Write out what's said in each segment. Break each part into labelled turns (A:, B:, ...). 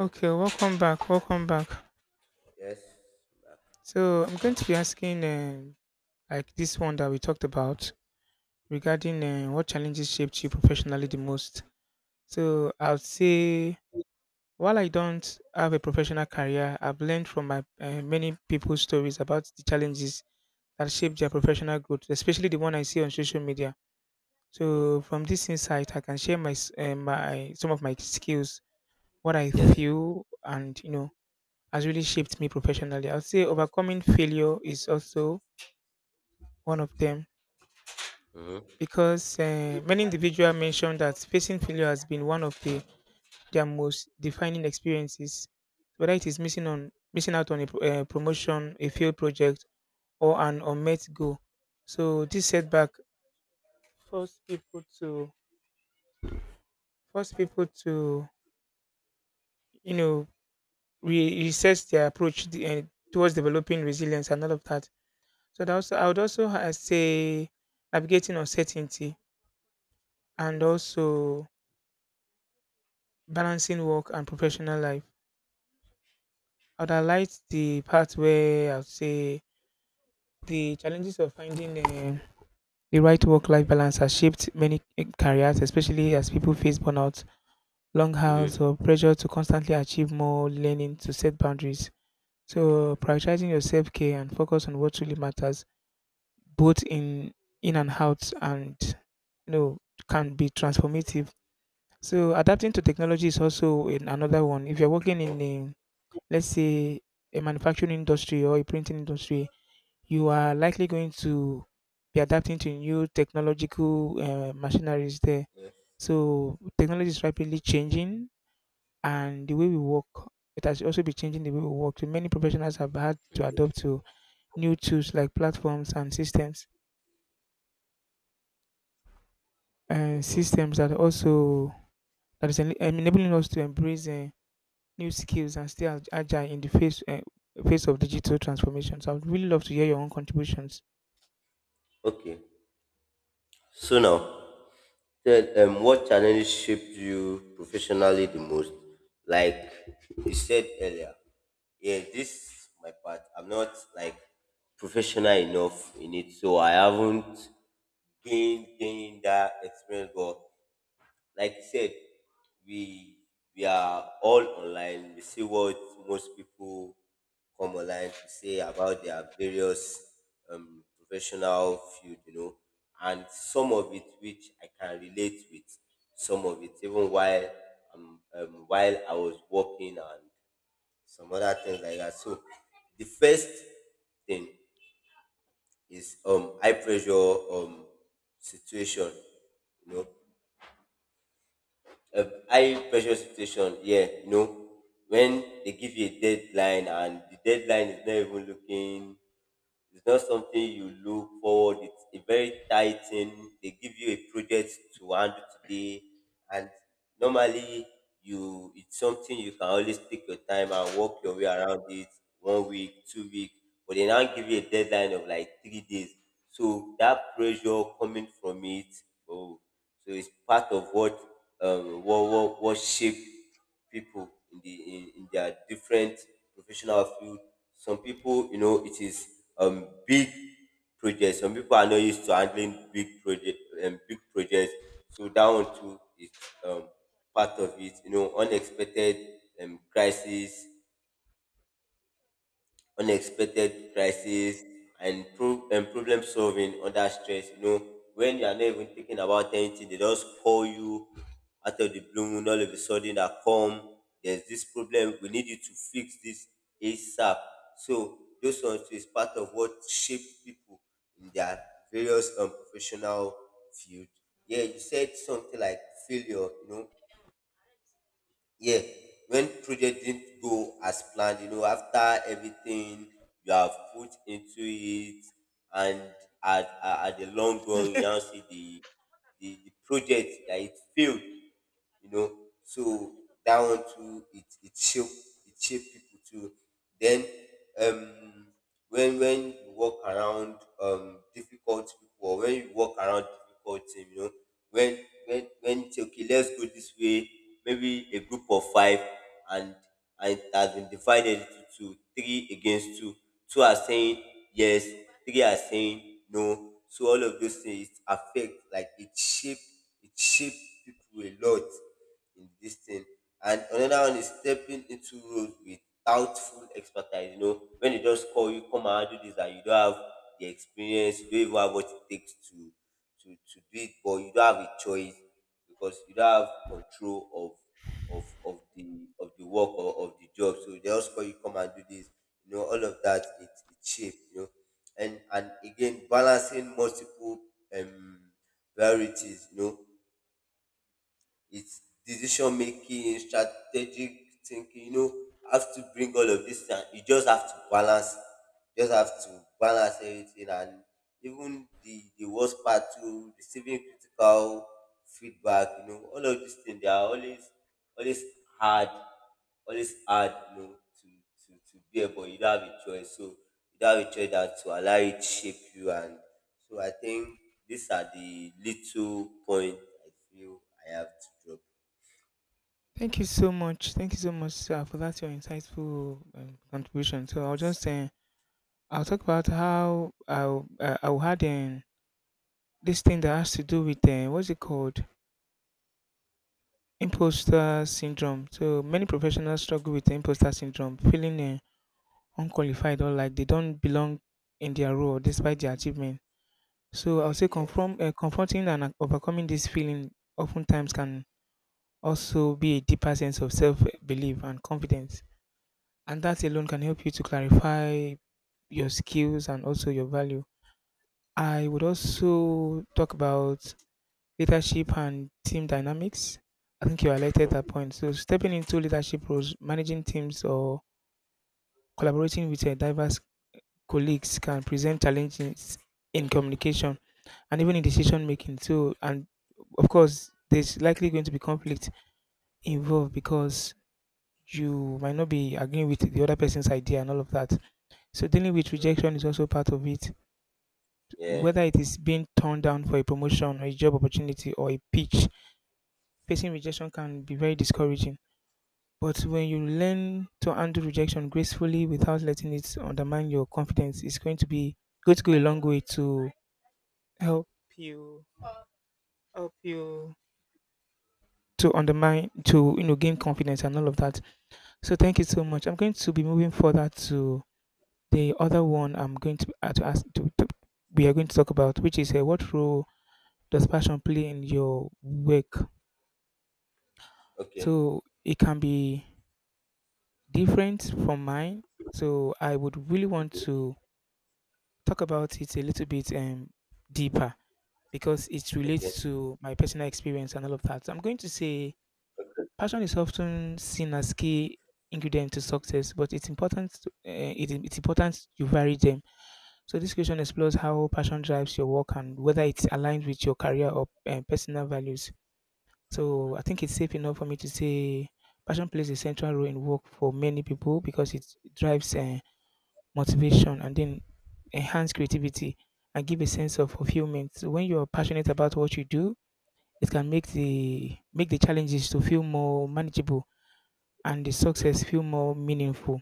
A: Okay, welcome back. Welcome back.
B: Yes. Back.
A: So I'm going to be asking, like this one that we talked about regarding what challenges shaped you professionally the most. So I'll say, while I don't have a professional career, I've learned from my many people's stories about the challenges that shaped their professional growth, especially the one I see on social media.
B: Hmm.
A: So from this insight, I can share my some of my skills, what I
B: Yes.
A: feel, and you know has really shaped me professionally. I would say overcoming failure is also one of them
B: Hmm.
A: because many individuals mentioned that facing failure has been one of their most defining experiences, whether it is missing out on a promotion, a failed project, or an unmet goal. So this setback forced people to force people to you know reassess their approach towards developing resilience and all of that. So that also I would also say navigating uncertainty and also balancing work and professional life. I would highlight the part where I would say the challenges of finding the right work-life balance has shaped many eh, careers, especially as people face burnout, long
B: Hmm.
A: hours,
B: Hmm.
A: or pressure to constantly achieve more, learning to set boundaries. So prioritizing your self-care and focus on what truly matters, both in and out, and you know, can be transformative. So adapting to technology is also in another one. If you're working
B: Hmm.
A: in let's say, a manufacturing industry or a printing industry, you are likely going to be adapting to new technological machineries there.
B: Yes.
A: So technology is rapidly changing, and the way we work, it has also been changing the way we work. So many professionals have had to adapt to new tools like platforms and systems,
B: Hmm.
A: that also enabling us to embrace new skills and stay agile in the face of digital transformation. So I would really love to hear your own contributions.
B: Okay. So now, tell what challenges shaped you professionally the most? Like you said earlier, yeah, this my part. I'm not like professional enough in it, so I haven't gained that experience. But like you said, we we are all online. We see what most people come online to say about their various professional field, you know, and some of it which I can relate with. Some of it, even while while I was working and some other things like that. So the first thing is high pressure situation, you know, a high pressure situation. Yeah, you know, when they give you a deadline and the deadline is not even looking, it's not something you look forward. It's a very tight thing. They give you a project to handle today, and normally you, it's something you can always take your time and work your way around it. One week, 2 weeks, but they now give you a deadline of like 3 days. So that pressure coming from it, oh, so it's part of what what shaped people in their different professional field. Some people, you know, it is big projects. Some people are not used to handling big projects. So that one too is um part of it. You know, unexpected crisis, unexpected crisis and problem solving under stress. You know, when you are not even thinking about anything, they just call you out of the blue moon. All of a sudden, that come. There's this problem. We need you to fix this ASAP. So those ones is part of what shapes people in their various professional field. Yeah, you said something like failure. You know, yeah, when project didn't go as planned, you know, after everything you have put into it, and at the long run you now see the project that it failed, you know. So that one too, it shape people too. Then um when you walk around difficult people, or when you walk around difficult team, you know, when you say, okay, let's go this way, maybe a group of five, and and it has been divided into two, three against two. Two are saying yes, three are saying no. So all of those things affect, like it shape people a lot in this thing. And another one is stepping into roles without full expertise. You know, when they just call you, come and do this, and you don't have the experience, you don't even have what it takes to to do it, but you don't have a choice because you don't have control of the work or of the job. So they just call you, come and do this. You know, all of that, it cheap, you know. And again, balancing multiple um priorities, you know. It's decision making, strategic thinking, you know, have to bring all of this and you just have to balance, just have to balance everything. And even the worst part too, receiving critical feedback, you know, all of these things, they are always always hard, always hard, you know, to to bear, but you don't have a choice. So you don't have a choice that to allow it shape you. And so I think these are the little point I feel I have to drop.
A: Thank you so much. Thank you so much, sir, for that your insightful contribution. So I'll just I'll talk about how I had this thing that has to do with what's it called, imposter syndrome. So many professionals struggle with imposter syndrome, feeling unqualified or like they don't belong in their role despite their achievements. So I'll say
B: Yes.
A: confronting and overcoming this feeling oftentimes can also be a deeper sense of self belief and confidence. And that alone can help you to clarify your skills and also your value. I would also talk about leadership and team dynamics. I think you highlighted that point. So stepping into leadership roles, managing teams, or collaborating with a diverse colleagues can present challenges in communication and even in decision making. So, and of course, there's likely going to be conflict involved because you might not be agreeing with the other person's idea and all of that. So, dealing with rejection is also part of it.
B: Yeah.
A: Whether it is being turned down for a promotion or a job opportunity or a pitch, facing rejection can be very discouraging. But when you learn to handle rejection gracefully without letting it undermine your confidence, it's going to go a long way to help you help you to undermine to you know gain confidence and all of that. So thank you so much. I'm going to be moving further to the other one. I'm going to we are going to talk about, which is what role does passion play in your work.
B: Okay.
A: So it can be different from mine, so I would really want to talk about it a little bit deeper because it
B: Okay.
A: relates to my personal experience and all of that. So I'm going to say passion is often seen as key ingredient to success, but it's important it's important you vary them. So this question explores how passion drives your work and whether it's aligned with your career or personal values. So I think it's safe enough for me to say passion plays a central role in work for many people because it drives motivation and then enhance creativity and give a sense of fulfillment. So when you're passionate about what you do, it can make the challenges to feel more manageable and the
B: Mm-hmm.
A: success feel more meaningful.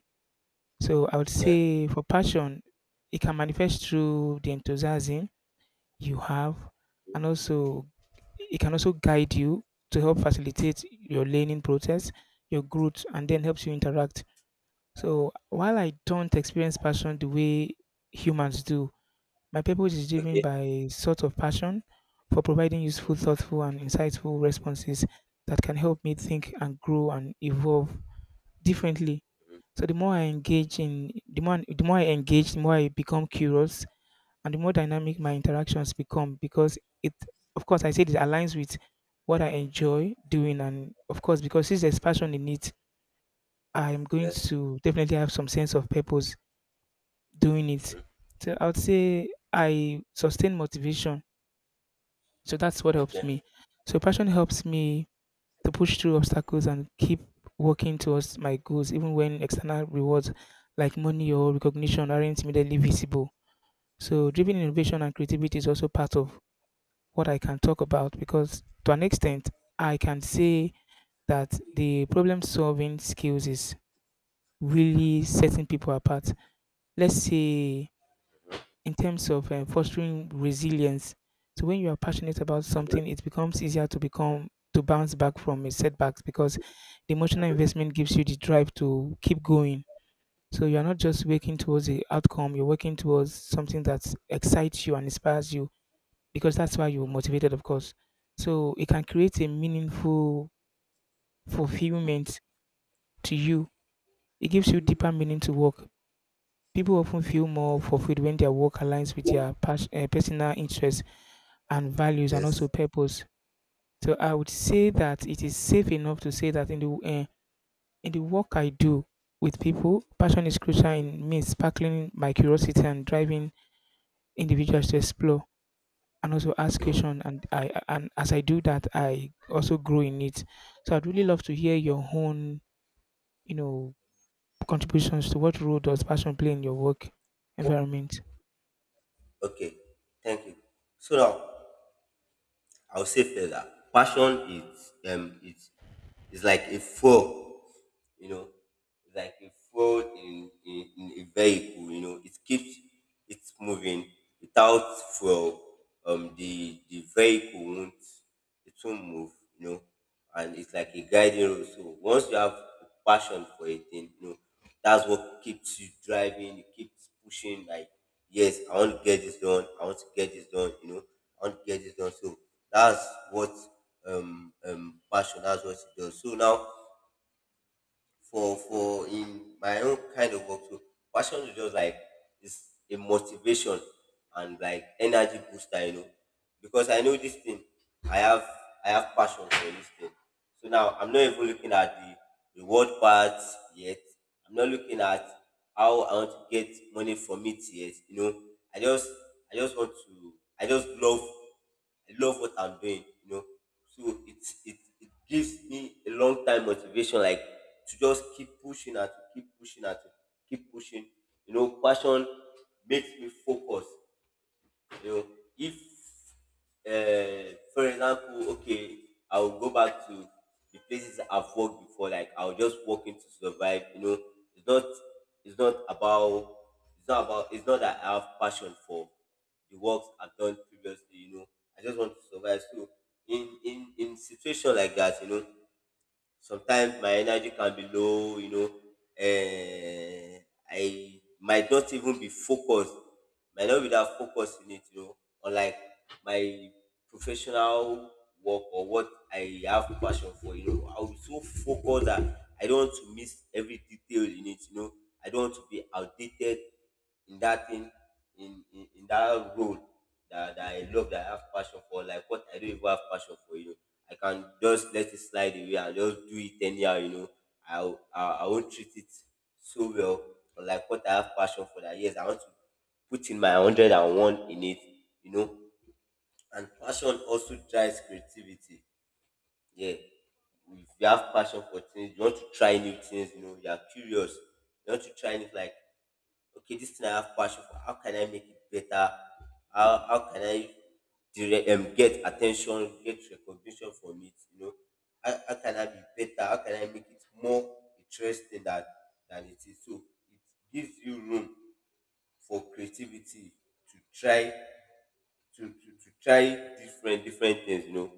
A: So I would
B: Yeah.
A: say for passion, it can manifest through the enthusiasm you have, and also it can also guide you to help facilitate your learning process, your growth, and then helps you interact. So while I don't experience passion the way humans do, my purpose is driven
B: Okay.
A: by sort of passion for providing
B: Mm-hmm.
A: useful, thoughtful, and insightful responses that can help me think and grow and evolve differently.
B: Mm-hmm.
A: So the more I engage, the more I become curious and the more dynamic my interactions become because it of course I said it aligns with what I enjoy doing and of course because since there's passion in it, I'm going
B: Yes.
A: to definitely have some sense of purpose doing it.
B: Mm-hmm.
A: So I would say I sustain motivation. So that's what helps
B: Okay.
A: me. So passion helps me to push through obstacles and keep working towards my goals, even when external rewards like money or recognition aren't immediately visible. So, driven innovation and creativity is also part of what I can talk about because, to an extent, I can say that the problem solving skills is really setting people apart. Let's say in terms of fostering resilience. So when you are passionate about something, it becomes easier to bounce back from a setbacks because the emotional investment gives you the drive to keep going. So you are not just working towards the outcome; you're working towards something that excites you and inspires you because that's why you're motivated, of course. So it can create a meaningful fulfillment to you. It gives you deeper meaning to work. People often feel more fulfilled when their work aligns with their personal interests and values and also
B: Yes.
A: purpose. So I would say that it is safe enough to say that in the work I do with people, passion is crucial in me sparkling my curiosity and driving individuals to explore and also ask questions. And as I do that, I also grow in it. So I'd really love to hear your own, you know, contributions to what role does passion play in your work environment.
B: Okay. Thank you. So now I will say further. Passion is it's like a fuel, you know, it's like a fuel in a vehicle, you know, it keeps it moving. Without fuel, the vehicle won't, it won't move, you know, and it's like a guiding rule. So once you have a passion for a thing, you know, that's what keeps you driving, it keeps pushing, like, yes, I want to get this done, I want to get this done, you know, I want to get this done. So that's what passion, that's what it does. So now, for in my own kind of work. So passion is just like, it's a motivation and like energy booster, you know. Because I know this thing, I have I have passion for this thing. So now I'm not even looking at the reward part yet. I'm not looking at how I want to get money from it yet. You know, I just I just want to I just love I love what I'm doing, you know. So it's it it gives me a long time motivation, like to just keep pushing and to keep pushing and to keep pushing. You know, passion makes me focus. You know, if for example, okay, I'll go back to the places I've worked before. Like I'll just walk in to survive. You know, it's not it's not about it's not that I have passion for the works I've done previously. You know, I just want to survive. So in situation like that, you know, sometimes my energy can be low, you know, uh, I might not even be focused might not be that focused in it, you know, unlike my professional work, or what I have passion for. You know, I'll be so focused that I don't want to miss every detail in it, you know. I don't want to be outdated in that thing, in that role that I love, that I have passion for, like what I don't even have passion for, you know. I can just let it slide away and just do it anyhow, you know. I, I won't treat it so well, but like what I have passion for, that yes, I want to put in my 101 in it, you know. And passion also drives creativity. Yeah. If you have passion for things, you want to try new things, you know, you are curious, you want to try new, like, okay, this thing I have passion for, how can I make it better? How can I direct, get attention, get recognition from it? You know, how, can I be better? How can I make it more interesting than it is? So it gives you room for creativity to try to try different things, you know,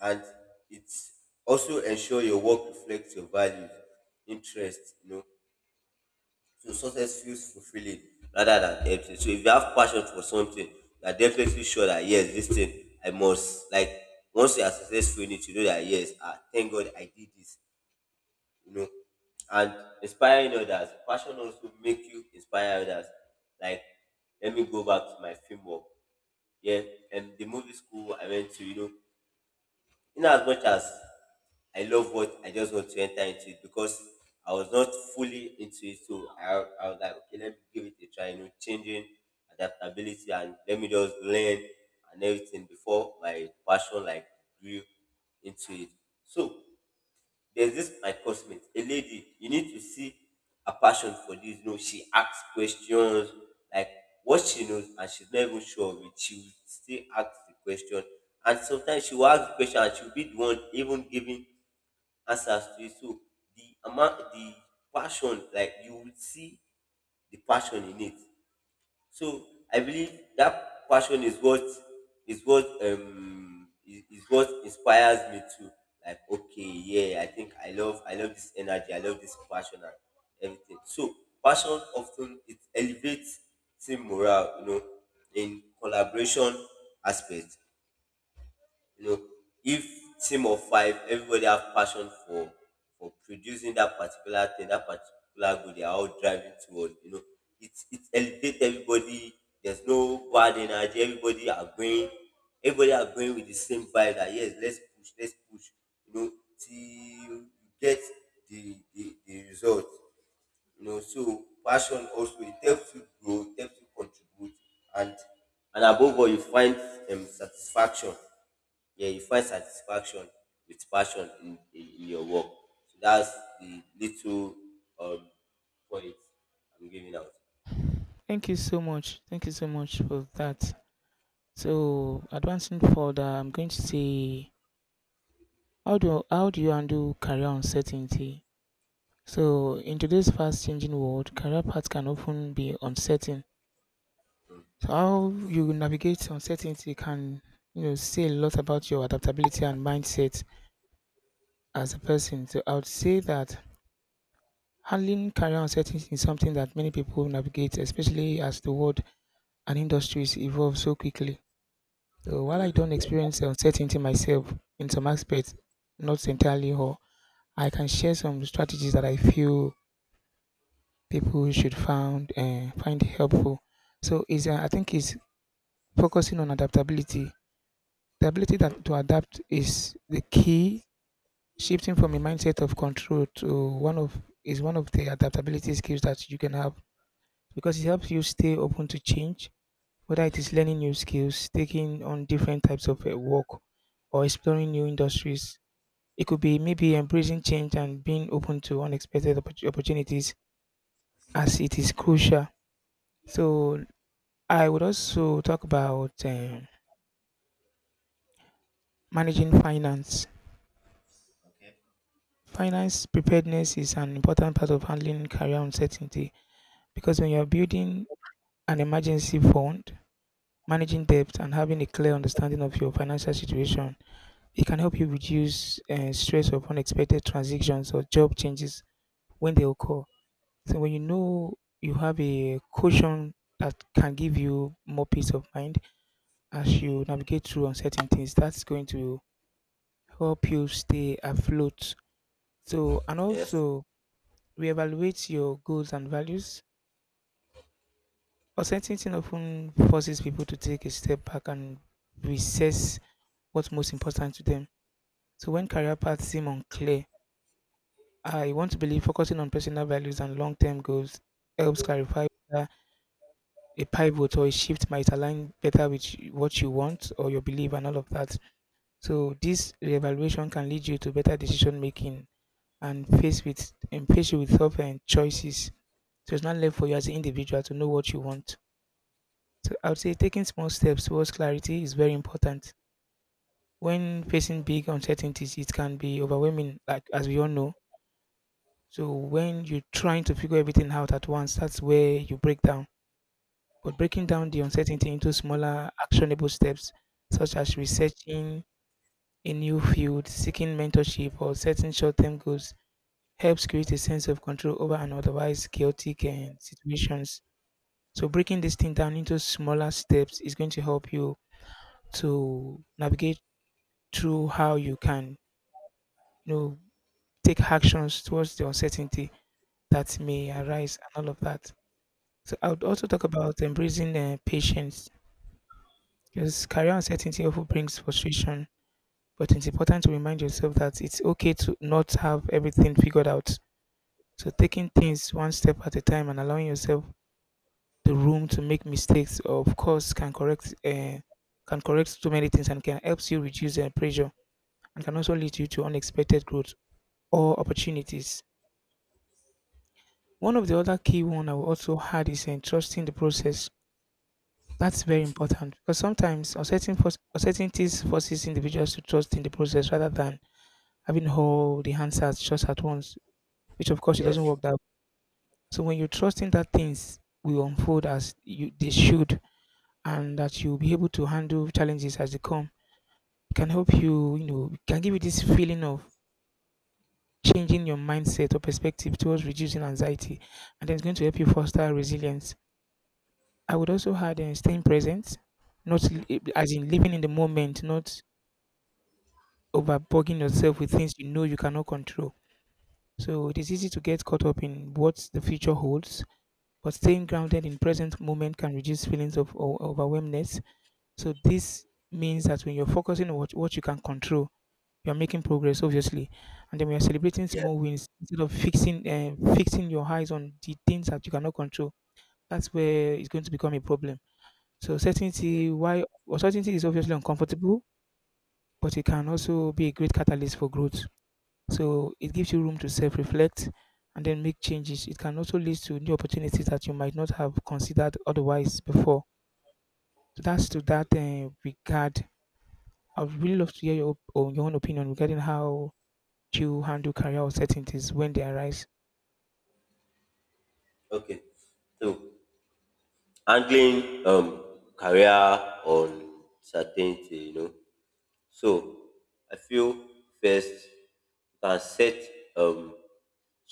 B: and it's also ensure your work reflects your values, interests, you know, so success feels fulfilling rather than empty. So if you have passion for something, you are definitely sure that, yes, this thing I must like, once you are successful in it, you know that, yes, ah, thank God I did this, you know. And inspiring others, passion also make you inspire others. Like, let me go back to my film work. Yeah, and the movie school I went to, you know, in as much as I love what, I just want to enter into it because I was not fully into it. So I was like, okay, let me give it a try, you know, changing adaptability and let me just learn and everything before my passion like grew into it. So there's this my cosmate, a lady. You need to see a passion for this. You know, she asks questions like what she knows, and she's not even sure of it. She will still ask the question, and sometimes she will ask the question, and she'll be the one even giving answers to it. So the amount, the passion, like you will see the passion in it. So I believe that passion is what is what inspires me to, like, okay, yeah, I think I love, this energy, I love this passion and everything. So passion often, it elevates team morale, you know, in collaboration aspect, you know, if team of five, everybody have passion for producing that particular thing, that particular goal they are all driving towards, you know, it's elevate everybody. There's no bad energy, everybody are going with the same vibe, that, yes, let's push, let's push, you know, till you get the result, you know. So passion also, it helps you grow, it helps you contribute, and and above all, you find satisfaction. Yeah, you find satisfaction with passion in your work. So that's the little um, point I'm giving out.
A: Thank you so much. Thank you so much for that. So advancing further, I'm going to say, how do you handle career uncertainty? So in today's fast changing world, career paths can often be uncertain. So how you navigate uncertainty can you know say a lot about your adaptability and mindset as a person. So I would say that handling career uncertainty is something that many people navigate, especially as the world and industries evolve so quickly. So while I don't experience uncertainty myself in some aspects, not entirely all, I can share some strategies that I feel people should found find helpful. So is I think is focusing on adaptability. The ability that to adapt is the key. Shifting from a mindset of control to one of is one of the adaptability skills that you can have because it helps you stay open to change, whether it is learning new skills, taking on different types of work, or exploring new industries. It could be maybe embracing change and being open to unexpected opportunities as it is crucial. So I would also talk about managing finance. Finance preparedness is an important part of handling career uncertainty because when you're building an emergency fund, managing debt, and having a clear understanding of your financial situation, it can help you reduce stress of unexpected transitions or job changes when they occur. So, when you know you have a cushion that can give you more peace of mind as you navigate through uncertainties, that's going to help you stay afloat. So, and
B: Yes.
A: also reevaluate your goals and values. Uncertainty often forces people to take a step back and reassess what's most important to them. So, when career paths seem unclear, I want to believe focusing on personal values and long term goals helps clarify whether a pivot or a shift might align better with what you want or your belief and all of that. So, this reevaluation can lead you to better decision making and faced you with tough and choices. So it's not left for you as an individual to know what you want. So I would say taking small steps towards clarity is very important. When facing big uncertainties, it can be overwhelming, like as we all know. So when you're trying to figure everything out at once, that's where you break down. But breaking down the uncertainty into smaller, actionable steps, such as researching a new field, seeking mentorship, or setting short-term goals, helps create a sense of control over an otherwise chaotic and situations. So breaking this thing down into smaller steps is going to help you to navigate through how you can, you know, take actions towards the uncertainty that may arise and all of that. So I would
B: Yes.
A: also talk about embracing patience because career uncertainty often brings frustration, but it's important to remind yourself that it's okay to not have everything figured out. So taking things one step at a time and allowing yourself the room to make mistakes of course can correct too many things and can helps you reduce pressure and can also lead you to unexpected growth or opportunities. One of the other key one I will also add is trusting the process. That's very important because sometimes uncertainties forces individuals to trust in the process rather than having all the answers just at once, which of course it doesn't
B: Yes.
A: work that way. So when you trust in that things will unfold as you they should and that you'll be able to handle challenges as they come can help you, can give you this feeling of changing your mindset or perspective towards reducing anxiety. And then it's going to help you foster resilience. I would also add staying present, not li- as in living in the moment, not overbugging yourself with things you know you cannot control. So it is easy to get caught up in what the future holds, but staying grounded in present moment can reduce feelings of overwhelmness. So this means that when you're focusing on what you can control, you are making progress obviously, and then we are celebrating
B: Yes.
A: small wins instead of fixing your eyes on the things that you cannot control. That's where it's going to become a problem. So certainty
B: Yes.
A: why uncertainty is obviously uncomfortable, but it can also be a great catalyst for growth. So it gives you room to self-reflect and then make changes. It can also lead to new opportunities that you might not have considered otherwise before. So that's to that regard, I'd really love to hear your, op- or your own opinion regarding how you handle career uncertainties when they arise.
B: Okay. So handling career uncertainty. So I feel first you can set um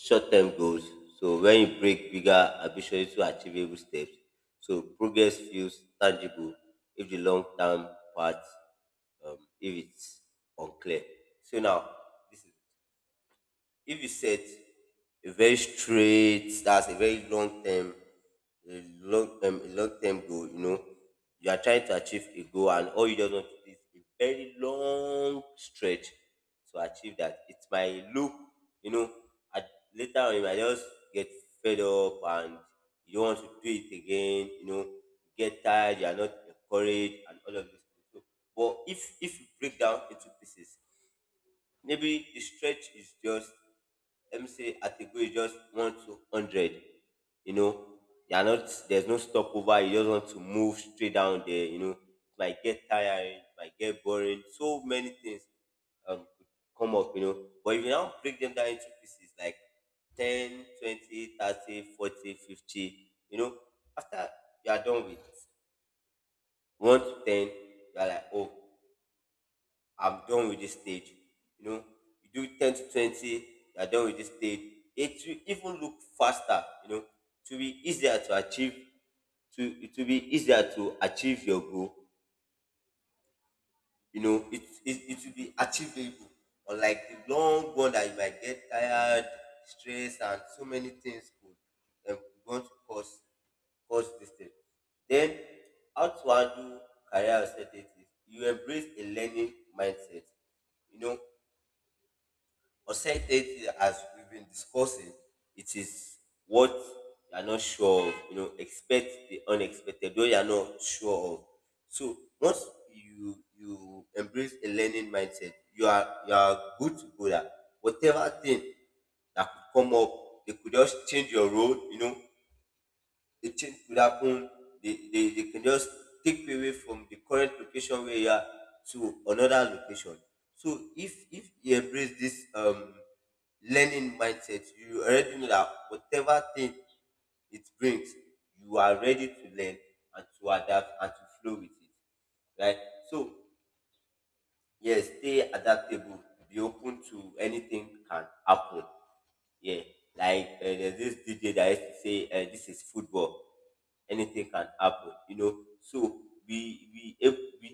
B: short-term goals. So when you break bigger ambition into achievable steps, so progress feels tangible if the long-term part, if it's unclear. So now this is if you set a very straight, that's a very long term, a long term goal, you know, you are trying to achieve a goal and all you just want to do is a very long stretch to achieve that. It might look, you know, at later on you might just get fed up and you don't want to do it again, you know, you get tired, you are not encouraged and all of this. Things. So, but if you break down into pieces, maybe the stretch is just, let me say, at a go is just one to hundred. You know, you're not there's no stopover, you just want to move straight down there, you know. It might get tiring, it might get boring, so many things could come up, you know. But if you now break them down into pieces like 10, 20, 30, 40, 50. You know, after you are done with 1 to 10, you are like, oh, I'm done with this stage. You know, you do 10 to 20, you're done with this stage. It will even look faster, you know, to be easier to achieve, to it will be easier to achieve your goal. You know, it will be achievable. Unlike the long one that you might get tired, stress, and so many things could want to cause this thing. Then, how to handle career uncertainties? You embrace a learning mindset. You know, uncertainty, as we've been discussing, it is what you are not sure of. You know, expect the unexpected, though you are not sure of. So once you embrace a learning mindset, you are good to go that whatever thing that could come up, they could just change your role, you know, the change could happen. They can just take away from the current location where you are to another location. So if you embrace this learning mindset, you already know that whatever thing it brings, you are ready to learn and to adapt and to flow with it. Right? So yes, stay adaptable, be open to anything can happen. Yeah, like there's this DJ that used to say, "This is football. Anything can happen." You know, so we if we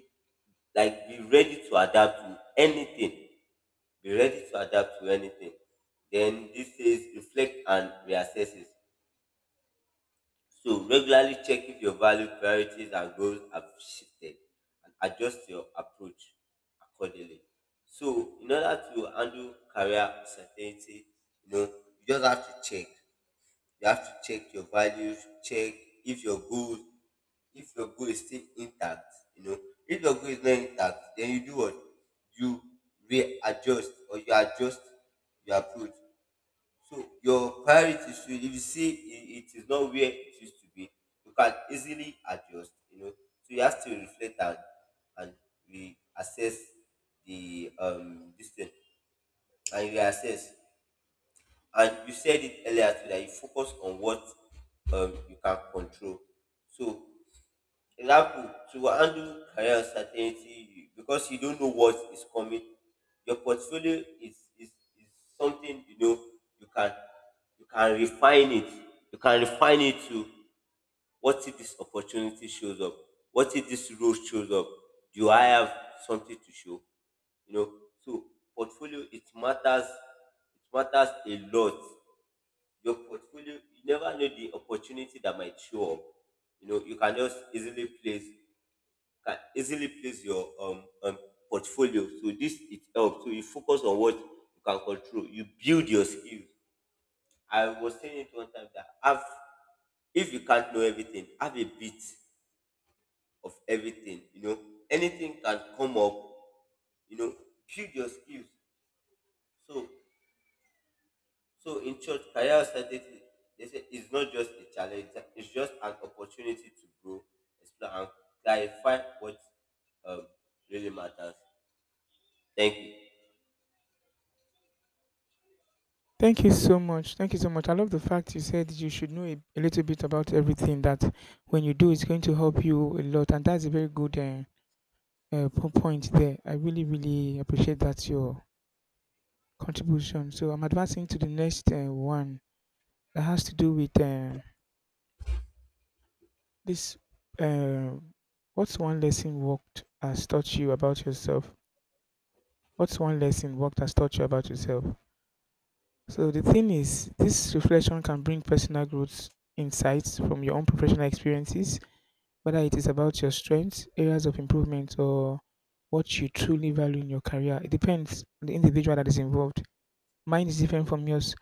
B: like be ready to adapt to anything. Be ready to adapt to anything. Then this says reflect and reassess it. So regularly check if your value, priorities, and goals have shifted, and adjust your approach accordingly. So in order to handle career uncertainty, you know, you just have to check your values, check if your goal if your goal is still intact, you know, if your goal is not intact, then you do what, you readjust or you adjust your approach. So your priority should, if you see it, it is not where it used to be, you can easily adjust, you know. So you have to reflect and and reassess the this thing, and reassess. And you said it earlier too that you focus on what you can control. So, example, to handle career uncertainty, because you don't know what is coming, your is something, you know, you can you can refine it. You can refine it to, what if this opportunity shows up? What if this role shows up? Do I have something to show? You know. So portfolio, it matters, it matters a lot. Your portfolio, you never know the opportunity that might show up. You know, you can just easily place can easily place your portfolio. So this, it helps. So you focus on what you can control. You build your skills. I was saying it one time that have, if you can't know everything, have a bit of everything. You know, anything can come up. You know, build your skills. So So in church, career uncertainty, they say it's not just a challenge, it's just an opportunity to grow, explore, and clarify what um, really matters. Thank you.
A: Thank you so much. Thank you so much. I love the fact you said you should know a little bit about everything that when you do, it's going to help you a lot. And that's a very good point there. I really, really appreciate that your contribution. So I'm advancing to the next one that has to do with this. Uh, what's one lesson worked has taught you about yourself? What's one lesson worked has taught you about yourself? So the thing is, this reflection can bring personal growth insights from your own professional experiences, whether it is about your strengths, areas of improvement, or what you truly value in your career. It depends on the individual that is involved. Mine is different from yours.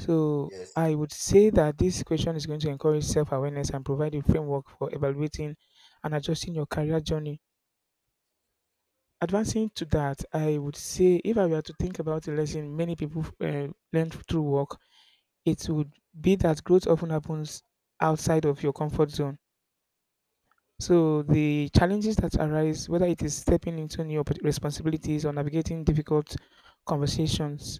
A: So
B: Yes.
A: I would say that this question is going to encourage self awareness and provide a framework for evaluating and adjusting your career journey. Advancing to that, I would say if I were to think about the lesson many people learned through work, it would be that growth often happens outside of your comfort zone. So the challenges that arise, whether it is stepping into new responsibilities or navigating difficult conversations,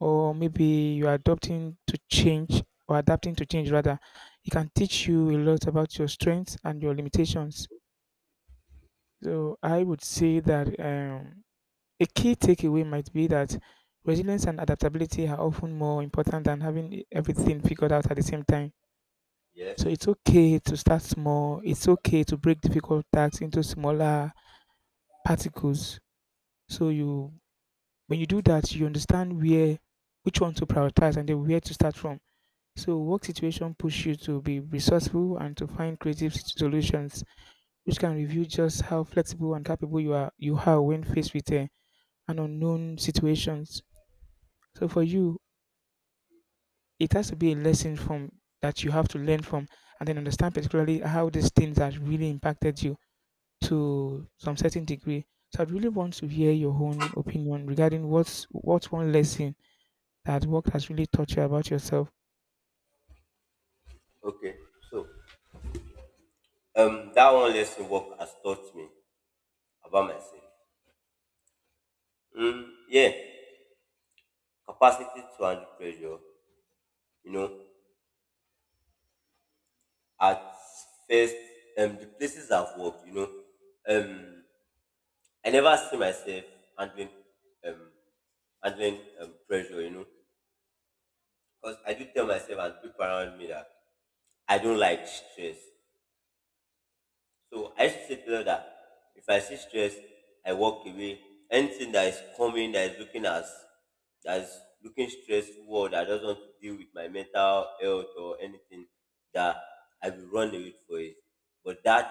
A: or maybe you are adopting to change or adapting to change rather, it can teach you a lot about your strengths and your limitations. So I would say that a key takeaway might be that resilience and adaptability are often more important than having everything figured out at the same time.
B: Yes.
A: So it's okay to start small. It's okay to break difficult tasks into smaller particles. So you when you do that, you understand where which one to prioritize and then where to start from. So work situation push you to be resourceful and to find creative solutions, which can reveal just how flexible and capable you are when faced with an unknown situations. So for you, it has to be a lesson from that you have to learn from and then understand particularly how these things have really impacted you to some certain degree. So I'd really want to hear your own opinion regarding what's one lesson that work has really taught you about yourself.
B: Okay. So that one lesson work has taught me about myself. Mm, yeah. Capacity to handle pressure. You know, at first, the places I've worked, you know, um, I never see myself handling um handling pressure, you know. Because I do tell myself and people around me that I don't like stress. So I used to say to them that if I see stress, I walk away. Anything that is coming, that is looking stressful, that doesn't want to deal with my mental health or anything, that I will run away for it. But that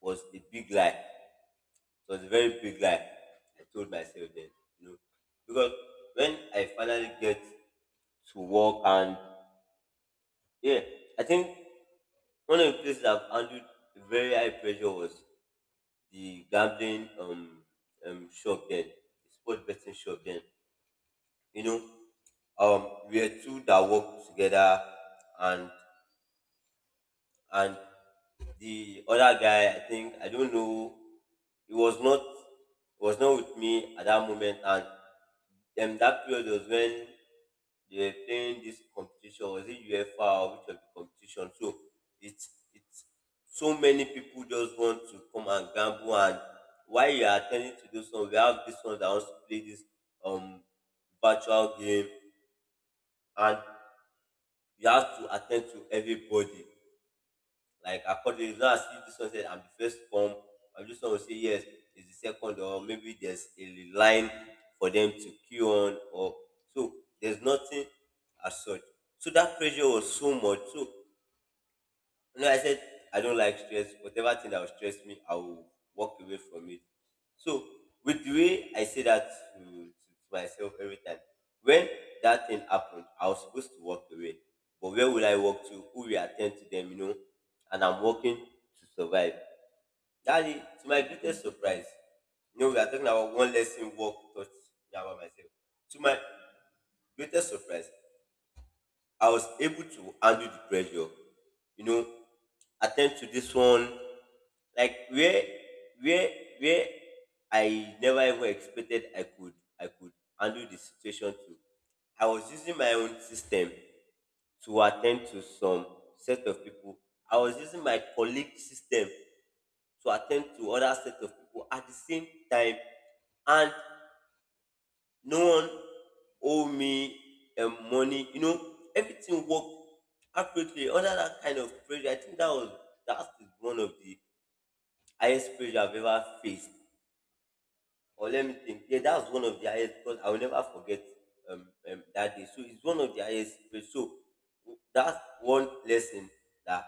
B: was a big lie. It was a very big lie. I told myself then, you know, because when I finally get to work and, yeah, I think one of the places I've handled very high pressure was the gambling shop then, the sport betting shop then. You know, um we were two that worked together and and the other guy I think I don't know he was not, was not with me at that moment. And that period was when they were playing this competition. Was it UEFA or which of the competition? So it's so many people just want to come and gamble, and while you are attending to those ones, we have this one that wants to play this um virtual game, and you have to attend to everybody. Like according now, see this one said, I'm the first to come, and this one will say yes, it's the second, or maybe there's a line for them to queue on, or so there's nothing as such. So that pressure was so much. So no, I said I don't like stress. Whatever thing that will stress me, I will walk away from it. So with the way I say that to, to myself every time, when that thing happened, I was supposed to walk away. But where will I walk to? Who will attend to them, you know? And I'm working to survive. That is, to my greatest surprise, you know, we are talking about one lesson walk taught me about myself. To my greatest surprise, I was able to handle the pressure. You know, attend to this one. Like where where I never even expected I could handle the situation to. I was using my own system to attend to some set of people. I was using my colleague system to attend to other set of people at the same time. And no one owe me money. You know, everything worked accurately under that kind of pressure. I think that is one of the highest pressure I've ever faced. Or let me think. Yeah, that was one of the highest because I will never forget that day. So it's one of the highest pressure. So that's one lesson that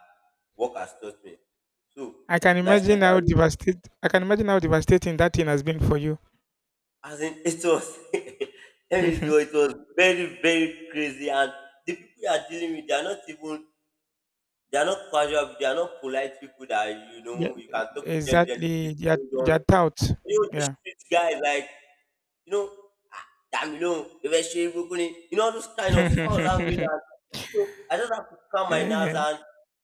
B: work has taught me. So my strength,
A: I can imagine how devastating that thing has been for you.
B: as in, it was, let me know, it was very, very crazy. And the people you are dealing with, they are not even, they are not casual people, they are not polite people that, you
A: Yeah,
B: know, you can talk to them, just please
A: exactly.
B: hold on.
A: Their doubt.
B: You know, these
A: Yeah.
B: street guys, like, you know, "Ah, Damilo, Ebeshi, Ibukuni," you know, those kind of foul language. And so I just have to calm my nerves
A: Eh,
B: and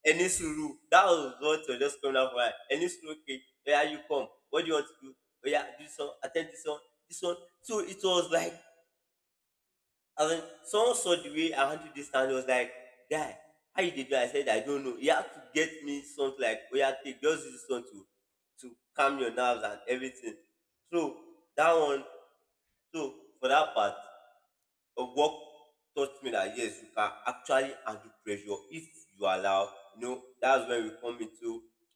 B: any suru. That was what was just coming out for her. Any suru, okay, where you come? What do you want to do? Oh yeah, this one, attend this one, this one. So it was like, and then someone saw the way I handled this and he was like, guy, how you did that? I said, I don't know. He had to get me something like, oh yeah, take, just use this one to calm your nerves and everything. So that one, so for that part of work taught me that yes, you can actually handle pressure if you allow. You know, that's when we come into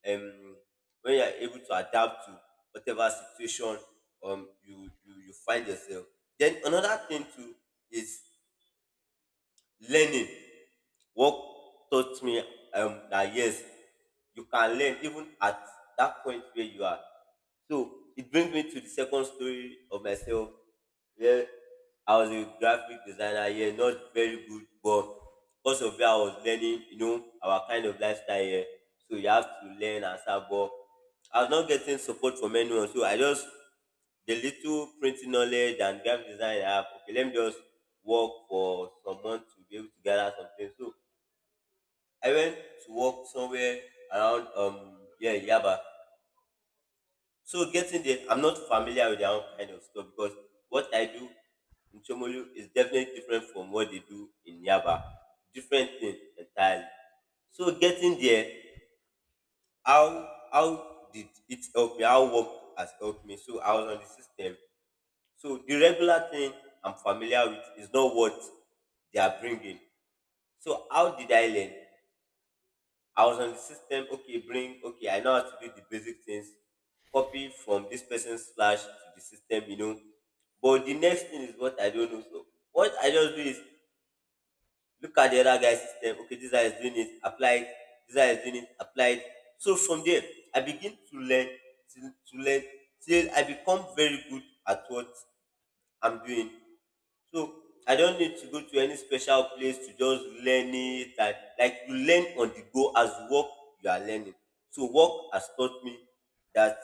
B: um when you're able to adapt to whatever situation you find yourself. Then another thing too is learning. Work taught me that yes, you can learn even at that point where you are. So it brings me to the second story of myself. Yeah, I was a graphic designer, yeah, not very good, but because of where I was learning, you know, our kind of lifestyle here. So you have to learn and stuff, but I was not getting support from anyone. So I just, the little printing knowledge and graphic design I have, okay, let me just work for some months to be able to gather something. So I went to work somewhere around yeah, Yaba. So getting there, I'm not familiar with their own kind of stuff because what I do in Chomolu is definitely different from what they do in Yaba. Different thing entirely. So getting there, how did it help me? How work has helped me. So I was on the system. So the regular thing I'm familiar with is not what they are bringing. So how did I learn? I was on the system. Okay, bring. Okay, I know how to do the basic things. Copy from this person's flash to the system. You know, but the next thing is what I don't know. So what I just do is look at the other guy's system. Okay, this guy is doing it. Apply it. This guy is doing it. Apply it. So from there, I begin to learn till I become very good at what I'm doing. So I don't need to go to any special place to just learn it. And, like, you learn on the go as you work, you are learning. So work has taught me that,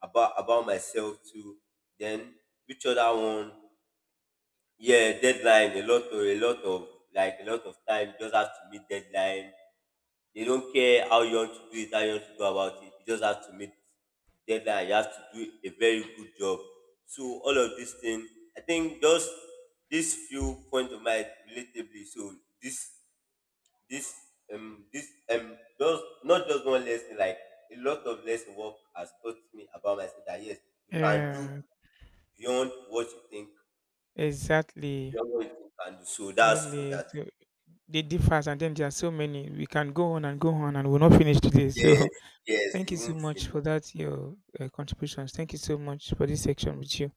B: about myself too. Then which other one? Yeah, deadline. A lot of time. You just have to meet deadline. They don't care how you want to do it, how you want to go about it. You just have to meet the deadline. You have to do a very good job. So all of these things, I think just this few point of mine relatively. So this this this just not just one lesson, like a lot of lesson work has taught me about myself that yes, you can do
A: yeah.
B: beyond what you think,
A: Exactly.
B: beyond what you think you can do. So that's for
A: Exactly.
B: that.
A: So they differ, and then there are so many. We can go on, and we'll not finish today.
B: Yes,
A: So.
B: yes,
A: Thank you
B: you
A: so
B: won't
A: much for
B: finish.
A: that, your contributions. Thank you so much for this section with you.